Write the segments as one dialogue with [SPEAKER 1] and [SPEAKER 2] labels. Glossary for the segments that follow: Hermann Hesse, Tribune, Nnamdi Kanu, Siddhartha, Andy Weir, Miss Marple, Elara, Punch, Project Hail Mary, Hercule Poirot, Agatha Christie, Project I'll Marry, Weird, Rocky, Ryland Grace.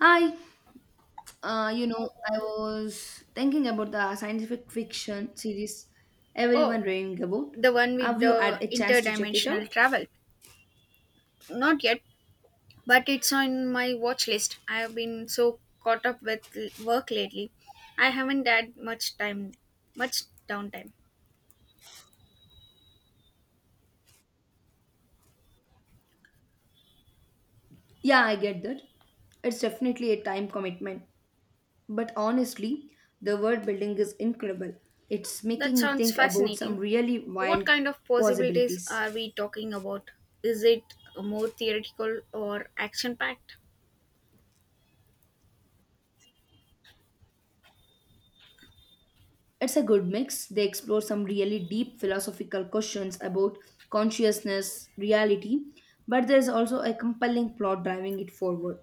[SPEAKER 1] Hi, I was thinking about the scientific fiction series everyone
[SPEAKER 2] Oh,
[SPEAKER 1] raving about.
[SPEAKER 2] the one with
[SPEAKER 1] Have you had
[SPEAKER 2] the
[SPEAKER 1] a chance to check it
[SPEAKER 2] interdimensional
[SPEAKER 1] out?
[SPEAKER 2] travel. Not yet, but it's on my watch list. I have been so caught up with work lately. I haven't had much time, much downtime.
[SPEAKER 1] Yeah, I get that. It's definitely a time commitment. But honestly, the world building is incredible. It's
[SPEAKER 2] That
[SPEAKER 1] making me
[SPEAKER 2] sounds
[SPEAKER 1] think about some
[SPEAKER 2] fascinating.
[SPEAKER 1] really
[SPEAKER 2] What
[SPEAKER 1] wild
[SPEAKER 2] kind of possibilities
[SPEAKER 1] possibilities.
[SPEAKER 2] are we talking about? Is it more theoretical or action packed?
[SPEAKER 1] It's a good mix. They explore some really deep philosophical questions about consciousness, reality, but there's also a compelling plot driving it forward.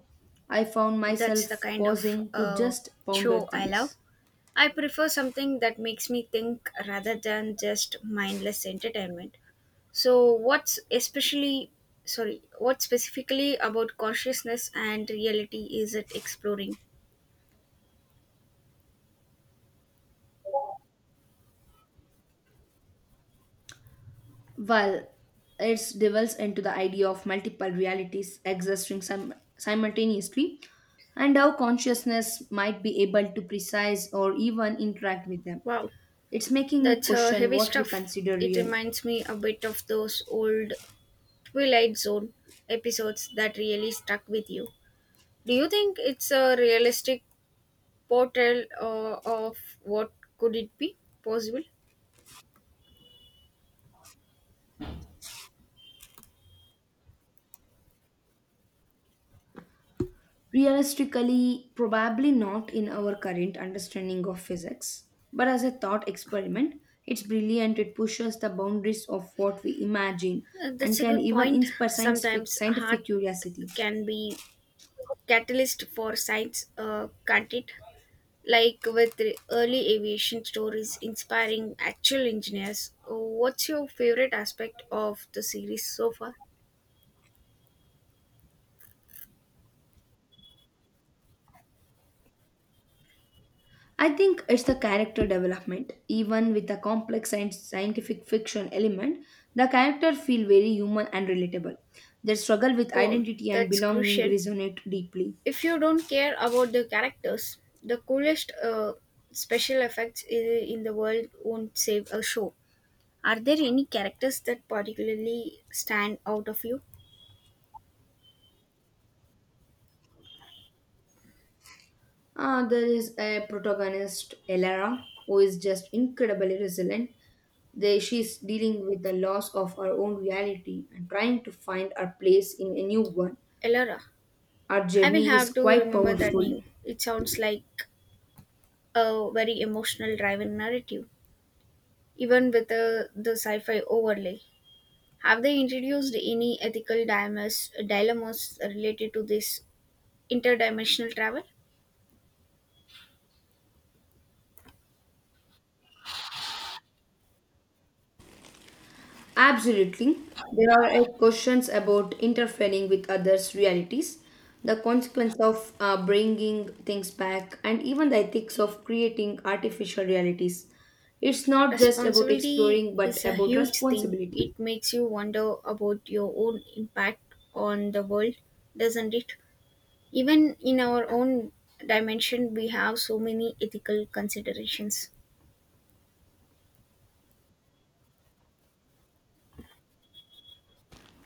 [SPEAKER 1] I found
[SPEAKER 2] That's the
[SPEAKER 1] myself
[SPEAKER 2] kind of
[SPEAKER 1] pausing to just ponder
[SPEAKER 2] show I love.
[SPEAKER 1] things.
[SPEAKER 2] I prefer something that makes me think rather than just mindless entertainment. So, what specifically about consciousness and reality is it exploring?
[SPEAKER 1] While it delves into the idea of multiple realities existing simultaneously and how consciousness might be able to precise or even interact with them,
[SPEAKER 2] Wow,
[SPEAKER 1] it's making me
[SPEAKER 2] that's
[SPEAKER 1] question
[SPEAKER 2] heavy
[SPEAKER 1] what we
[SPEAKER 2] stuff.
[SPEAKER 1] consider
[SPEAKER 2] It
[SPEAKER 1] real.
[SPEAKER 2] reminds me a bit of those old Twilight Zone episodes that really stuck with you. Do you think it's a realistic portrayal of what could it be possible?
[SPEAKER 1] Realistically, probably not in our current understanding of physics, but as a thought experiment, it's brilliant. It pushes the boundaries of what we imagine and
[SPEAKER 2] That's a
[SPEAKER 1] can
[SPEAKER 2] good
[SPEAKER 1] even
[SPEAKER 2] point.
[SPEAKER 1] inspire
[SPEAKER 2] Sometimes art
[SPEAKER 1] scientific curiosity.
[SPEAKER 2] can be catalyst for science, can't it? Like with the early aviation stories inspiring actual engineers. What's your favorite aspect of the series so far?
[SPEAKER 1] I think it's the character development. Even with the complex scientific fiction element, the character feel very human and relatable. Their struggle with
[SPEAKER 2] Oh,
[SPEAKER 1] identity and
[SPEAKER 2] that's
[SPEAKER 1] belonging
[SPEAKER 2] crucial.
[SPEAKER 1] resonate deeply.
[SPEAKER 2] If you don't care about the characters, the coolest special effects in the world won't save a show. Are there any characters that particularly stand out of you?
[SPEAKER 1] There is a protagonist, Elara, who is just incredibly resilient. There, she's dealing with the loss of her own reality and trying to find her place in a new one.
[SPEAKER 2] Elara.
[SPEAKER 1] Our
[SPEAKER 2] I will
[SPEAKER 1] journey is
[SPEAKER 2] have to
[SPEAKER 1] quite
[SPEAKER 2] remember that
[SPEAKER 1] powerful.
[SPEAKER 2] name. It sounds like a very emotional driven narrative, even with the sci-fi overlay. Have they introduced any ethical dilemmas related to this interdimensional travel?
[SPEAKER 1] Absolutely. There are questions about interfering with others' realities, the consequence of bringing things back, and even the ethics of creating artificial realities. It's not just about
[SPEAKER 2] Responsibility
[SPEAKER 1] exploring, but
[SPEAKER 2] is a
[SPEAKER 1] about
[SPEAKER 2] huge thing. It
[SPEAKER 1] responsibility.
[SPEAKER 2] makes you wonder about your own impact on the world, doesn't it? Even in our own dimension, we have so many ethical considerations.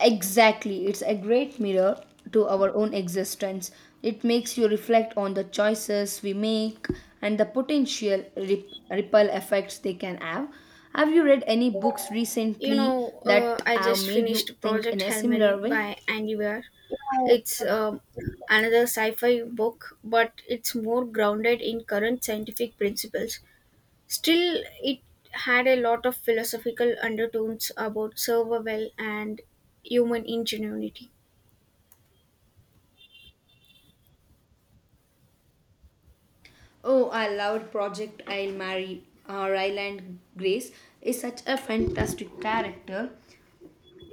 [SPEAKER 1] Exactly, it's a great mirror to our own existence. It makes you reflect on the choices we make and the potential ripple effects they can have. Have you read any books
[SPEAKER 2] You
[SPEAKER 1] recently
[SPEAKER 2] know,
[SPEAKER 1] that
[SPEAKER 2] I
[SPEAKER 1] have
[SPEAKER 2] just
[SPEAKER 1] made you
[SPEAKER 2] finished
[SPEAKER 1] think in
[SPEAKER 2] Project
[SPEAKER 1] a
[SPEAKER 2] Hail
[SPEAKER 1] similar
[SPEAKER 2] Mary
[SPEAKER 1] way?
[SPEAKER 2] by Andy Weir. It's another sci fi book, but it's more grounded in current scientific principles. Still, it had a lot of philosophical undertones about survival and human ingenuity.
[SPEAKER 1] Oh, I loved Project I'll Marry. Ryland Grace is such a fantastic character.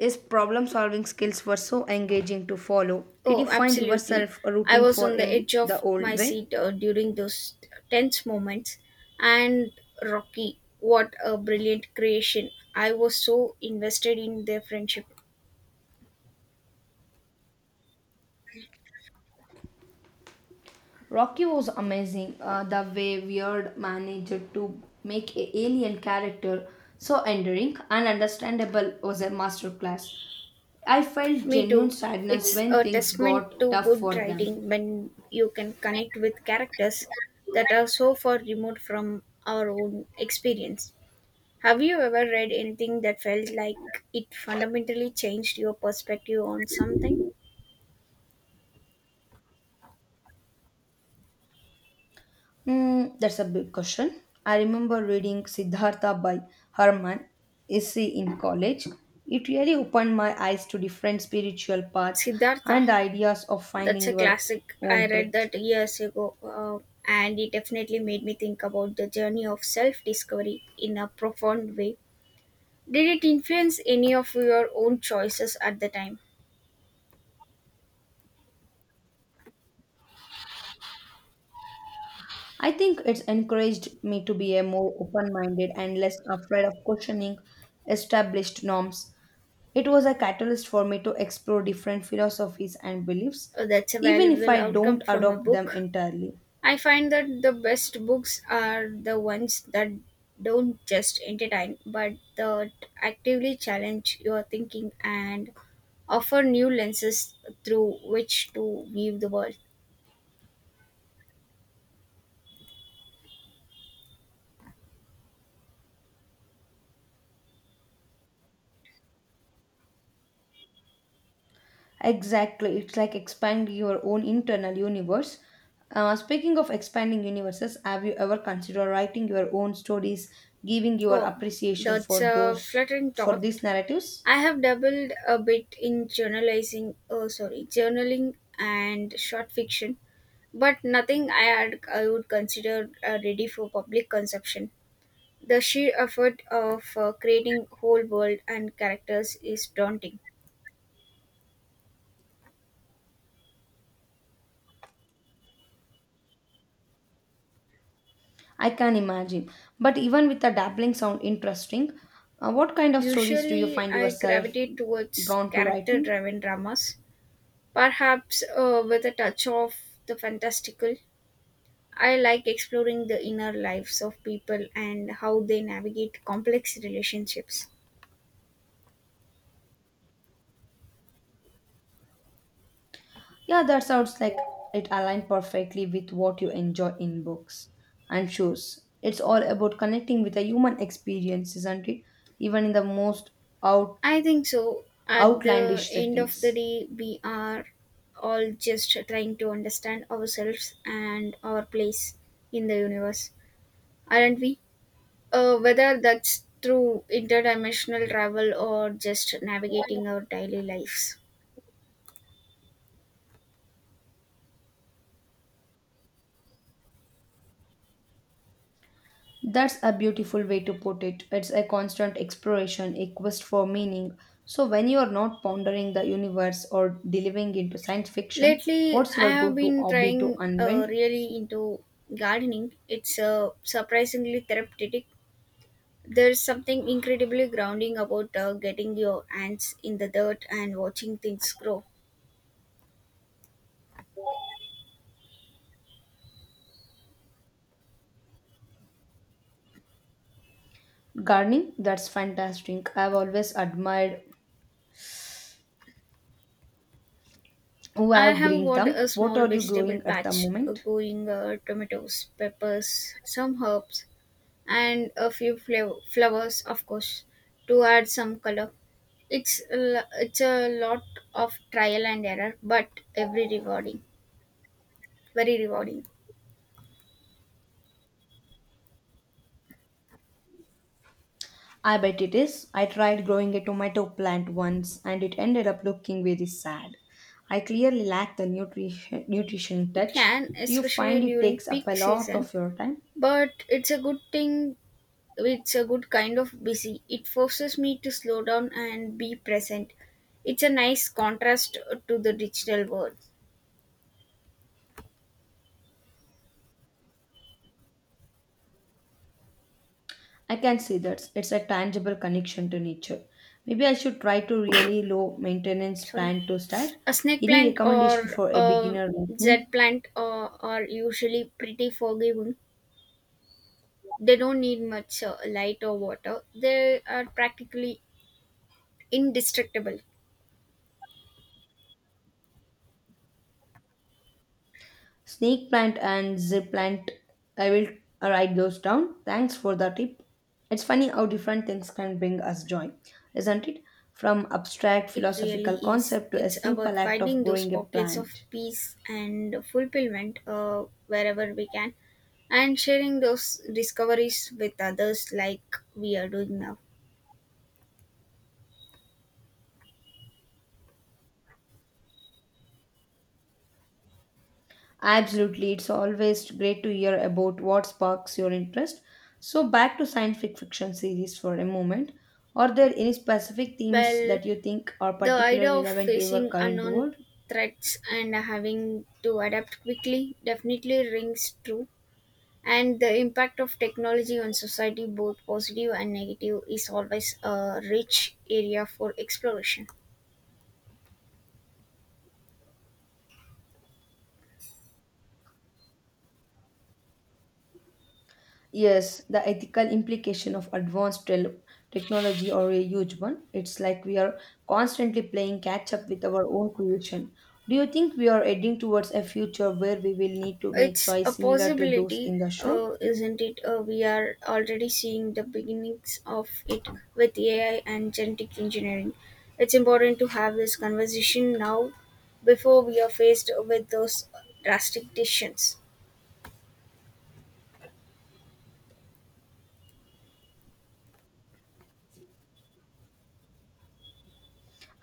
[SPEAKER 1] His problem solving skills were so engaging to follow. Did you
[SPEAKER 2] Oh,
[SPEAKER 1] find
[SPEAKER 2] absolutely.
[SPEAKER 1] yourself
[SPEAKER 2] I
[SPEAKER 1] rooting
[SPEAKER 2] was
[SPEAKER 1] for
[SPEAKER 2] on the
[SPEAKER 1] him
[SPEAKER 2] edge
[SPEAKER 1] the
[SPEAKER 2] of
[SPEAKER 1] old
[SPEAKER 2] my
[SPEAKER 1] way?
[SPEAKER 2] seat during those tense moments. And Rocky, what a brilliant creation. I was so invested in their friendship.
[SPEAKER 1] Rocky was amazing. The way Weird managed to make a alien character so endearing and understandable was a masterclass. I felt
[SPEAKER 2] Me
[SPEAKER 1] genuine
[SPEAKER 2] too.
[SPEAKER 1] sadness
[SPEAKER 2] It's
[SPEAKER 1] when
[SPEAKER 2] a
[SPEAKER 1] things
[SPEAKER 2] testament
[SPEAKER 1] got
[SPEAKER 2] to
[SPEAKER 1] tough
[SPEAKER 2] good
[SPEAKER 1] for them.
[SPEAKER 2] writing when you can connect with characters that are so far removed from our own experience. Have you ever read anything that felt like it fundamentally changed your perspective on something?
[SPEAKER 1] Mm, that's a big question. I remember reading Siddhartha by Herman Hesse in college. It really opened my eyes to different spiritual paths
[SPEAKER 2] Siddhartha,
[SPEAKER 1] and the ideas of
[SPEAKER 2] that's
[SPEAKER 1] finding
[SPEAKER 2] a
[SPEAKER 1] your
[SPEAKER 2] classic. I
[SPEAKER 1] own
[SPEAKER 2] read
[SPEAKER 1] truth.
[SPEAKER 2] that years ago, and it definitely made me think about the journey of self discovery in a profound way. Did it influence any of your own choices at the time?
[SPEAKER 1] I think it's encouraged me to be a more open-minded and less afraid of questioning established norms. It was a catalyst for me to explore different philosophies and beliefs,
[SPEAKER 2] That's a
[SPEAKER 1] even if
[SPEAKER 2] valuable
[SPEAKER 1] I
[SPEAKER 2] outcome
[SPEAKER 1] don't
[SPEAKER 2] from a
[SPEAKER 1] adopt them
[SPEAKER 2] book.
[SPEAKER 1] entirely.
[SPEAKER 2] I find that the best books are the ones that don't just entertain but that actively challenge your thinking and offer new lenses through which to view the world.
[SPEAKER 1] Exactly. It's like expand your own internal universe. Speaking of expanding universes, have you ever considered writing your own stories, giving your
[SPEAKER 2] Oh,
[SPEAKER 1] appreciation for
[SPEAKER 2] that's a
[SPEAKER 1] those
[SPEAKER 2] flattering
[SPEAKER 1] for
[SPEAKER 2] thought.
[SPEAKER 1] these narratives?
[SPEAKER 2] I have dabbled a bit in journaling and short fiction, but nothing I would consider ready for public consumption. The sheer effort of creating whole world and characters is daunting.
[SPEAKER 1] I can imagine. But even with the dabbling sound interesting, what kind of stories do you
[SPEAKER 2] Usually,
[SPEAKER 1] find
[SPEAKER 2] I
[SPEAKER 1] yourself
[SPEAKER 2] gravitate towards
[SPEAKER 1] drawn to
[SPEAKER 2] character
[SPEAKER 1] writing?
[SPEAKER 2] driven dramas, perhaps with a touch of the fantastical. I like exploring the inner lives of people and how they navigate complex relationships.
[SPEAKER 1] Yeah, that sounds like it aligned perfectly with what you enjoy in books and shows. It's all about connecting with the human experience, isn't it? Even in the most out,
[SPEAKER 2] I think so. At the
[SPEAKER 1] outlandish
[SPEAKER 2] end of the
[SPEAKER 1] settings.
[SPEAKER 2] day, we are all just trying to understand ourselves and our place in the universe, aren't we? Whether that's through interdimensional travel or just navigating our daily lives.
[SPEAKER 1] That's a beautiful way to put it. It's a constant exploration, a quest for meaning. So, when you are not pondering the universe or delving into science fiction,
[SPEAKER 2] Lately,
[SPEAKER 1] what's your
[SPEAKER 2] I have
[SPEAKER 1] go to
[SPEAKER 2] been
[SPEAKER 1] hobby to
[SPEAKER 2] trying
[SPEAKER 1] unwind?
[SPEAKER 2] really into gardening. It's surprisingly therapeutic. There's something incredibly grounding about getting your hands in the dirt and watching things grow.
[SPEAKER 1] Gardening? That's fantastic. I've always admired who
[SPEAKER 2] I
[SPEAKER 1] have
[SPEAKER 2] have
[SPEAKER 1] green
[SPEAKER 2] got
[SPEAKER 1] thumb.
[SPEAKER 2] a
[SPEAKER 1] What
[SPEAKER 2] small
[SPEAKER 1] are you
[SPEAKER 2] vegetable
[SPEAKER 1] growing at the
[SPEAKER 2] patch
[SPEAKER 1] moment?
[SPEAKER 2] growing tomatoes, peppers, some herbs, and a few flowers, of course, to add some color. It's a lot of trial and error, but every rewarding, very rewarding.
[SPEAKER 1] I bet it is. I tried growing a tomato plant once and it ended up looking very sad. I clearly lack the nutrition
[SPEAKER 2] It
[SPEAKER 1] touch.
[SPEAKER 2] can,
[SPEAKER 1] Do you find
[SPEAKER 2] especially
[SPEAKER 1] it
[SPEAKER 2] during
[SPEAKER 1] takes up a
[SPEAKER 2] peak
[SPEAKER 1] lot
[SPEAKER 2] season,
[SPEAKER 1] of your time?
[SPEAKER 2] but it's a good thing. It's a good kind of busy. It forces me to slow down and be present. It's a nice contrast to the digital world.
[SPEAKER 1] I can see that it's a tangible connection to nature. Maybe I should try to really low maintenance
[SPEAKER 2] Sorry,
[SPEAKER 1] plant to start.
[SPEAKER 2] a snake
[SPEAKER 1] Any
[SPEAKER 2] plant
[SPEAKER 1] recommendation
[SPEAKER 2] or
[SPEAKER 1] for a
[SPEAKER 2] a
[SPEAKER 1] beginner like me?
[SPEAKER 2] z plant are usually pretty forgiving. They don't need much light or water. They are practically indestructible.
[SPEAKER 1] Snake plant and zip plant. I will write those down. Thanks for the tip. It's funny how different things can bring us joy, isn't it? From abstract
[SPEAKER 2] It really
[SPEAKER 1] philosophical
[SPEAKER 2] is.
[SPEAKER 1] concept to a
[SPEAKER 2] It's about
[SPEAKER 1] simple act of
[SPEAKER 2] finding those
[SPEAKER 1] growing a
[SPEAKER 2] pockets of
[SPEAKER 1] plant.
[SPEAKER 2] peace and fulfillment wherever we can and sharing those discoveries with others like we are doing now.
[SPEAKER 1] Absolutely, it's always great to hear about what sparks your interest. So, back to scientific fiction series for a moment. Are there any specific themes
[SPEAKER 2] Well,
[SPEAKER 1] that you think are
[SPEAKER 2] the idea
[SPEAKER 1] particularly
[SPEAKER 2] of
[SPEAKER 1] relevant to your
[SPEAKER 2] facing
[SPEAKER 1] current
[SPEAKER 2] unknown
[SPEAKER 1] world?
[SPEAKER 2] threats and having to adapt quickly definitely rings true, and the impact of technology on society both positive and negative is always a rich area for exploration.
[SPEAKER 1] Yes, the ethical implication of advanced technology are a huge one. It's like we are constantly playing catch up with our own creation. Do you think we are heading towards a future where we will need to make
[SPEAKER 2] It's a
[SPEAKER 1] choice similar to those
[SPEAKER 2] possibility,
[SPEAKER 1] in the show?
[SPEAKER 2] isn't it? We are already seeing the beginnings of it with AI and genetic engineering. It's important to have this conversation now before we are faced with those drastic decisions.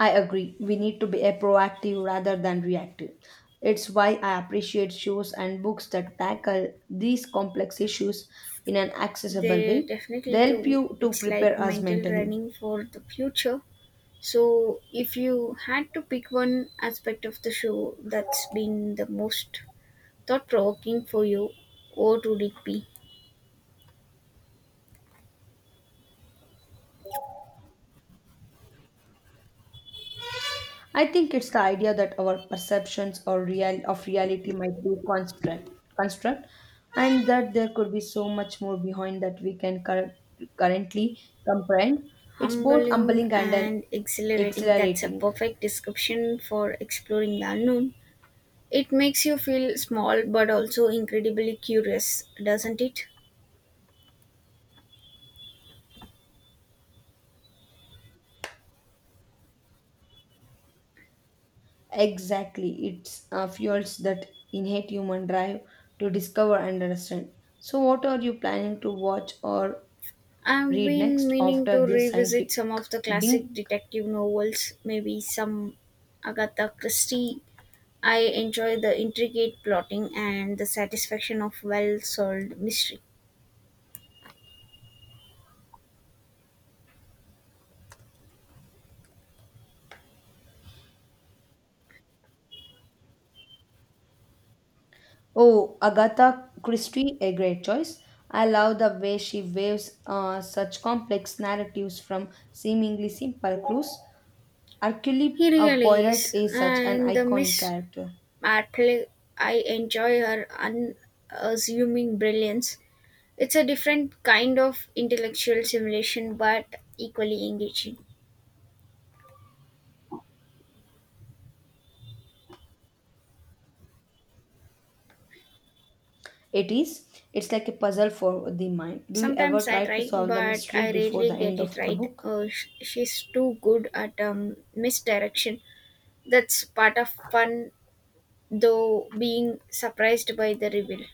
[SPEAKER 1] I agree. We need to be a proactive rather than reactive. It's why I appreciate shows and books that tackle these complex issues in an accessible
[SPEAKER 2] They
[SPEAKER 1] way.
[SPEAKER 2] definitely
[SPEAKER 1] They help
[SPEAKER 2] do.
[SPEAKER 1] you to
[SPEAKER 2] It's like
[SPEAKER 1] prepare us
[SPEAKER 2] mental
[SPEAKER 1] mentally.
[SPEAKER 2] running for the future. So, if you had to pick one aspect of the show that's been the most thought provoking for you, what would it be?
[SPEAKER 1] I think it's the idea that our perceptions or real of reality might be construct, and that there could be so much more behind that we can currently comprehend. It's both
[SPEAKER 2] Humbling
[SPEAKER 1] humbling and an
[SPEAKER 2] and exhilarating, that's a
[SPEAKER 1] exhilarating.
[SPEAKER 2] perfect description for exploring the unknown. It makes you feel small but also incredibly curious, doesn't it?
[SPEAKER 1] Exactly, it fuels that innate human drive to discover and understand. So, what are you planning to watch or
[SPEAKER 2] I've
[SPEAKER 1] read
[SPEAKER 2] been
[SPEAKER 1] next
[SPEAKER 2] meaning
[SPEAKER 1] after
[SPEAKER 2] to
[SPEAKER 1] this
[SPEAKER 2] revisit
[SPEAKER 1] scientific
[SPEAKER 2] some of the classic
[SPEAKER 1] bink?
[SPEAKER 2] detective novels, maybe some Agatha Christie. I enjoy the intricate plotting and the satisfaction of well solved mystery.
[SPEAKER 1] Oh, Agatha Christie, a great choice. I love the way she waves such complex narratives from seemingly simple clues. Hercule
[SPEAKER 2] He really
[SPEAKER 1] Poirot
[SPEAKER 2] is,
[SPEAKER 1] is such an
[SPEAKER 2] and the
[SPEAKER 1] iconic
[SPEAKER 2] Miss
[SPEAKER 1] character.
[SPEAKER 2] Marple, I enjoy her unassuming brilliance. It's a different kind of intellectual simulation, but equally engaging.
[SPEAKER 1] It is. It's like a puzzle for the mind. Do you ever
[SPEAKER 2] Sometimes I
[SPEAKER 1] try to
[SPEAKER 2] try,
[SPEAKER 1] solve the
[SPEAKER 2] but
[SPEAKER 1] mystery
[SPEAKER 2] I
[SPEAKER 1] before the
[SPEAKER 2] rarely
[SPEAKER 1] end
[SPEAKER 2] get it
[SPEAKER 1] of the
[SPEAKER 2] right.
[SPEAKER 1] book?
[SPEAKER 2] She's too good at misdirection. That's part of fun, though, being surprised by the reveal.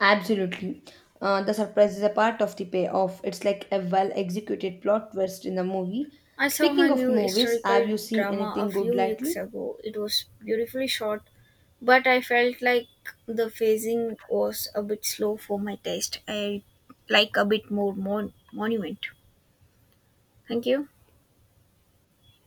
[SPEAKER 1] Absolutely. The surprise is a part of the payoff. It's like a well executed plot twist in the movie.
[SPEAKER 2] I saw her
[SPEAKER 1] Speaking of
[SPEAKER 2] new
[SPEAKER 1] movies, have
[SPEAKER 2] historical
[SPEAKER 1] you seen
[SPEAKER 2] drama a
[SPEAKER 1] anything good
[SPEAKER 2] few weeks
[SPEAKER 1] lately?
[SPEAKER 2] ago. It was beautifully shot, but I felt like the phasing was a bit slow for my taste. I like a bit more monument. Thank you.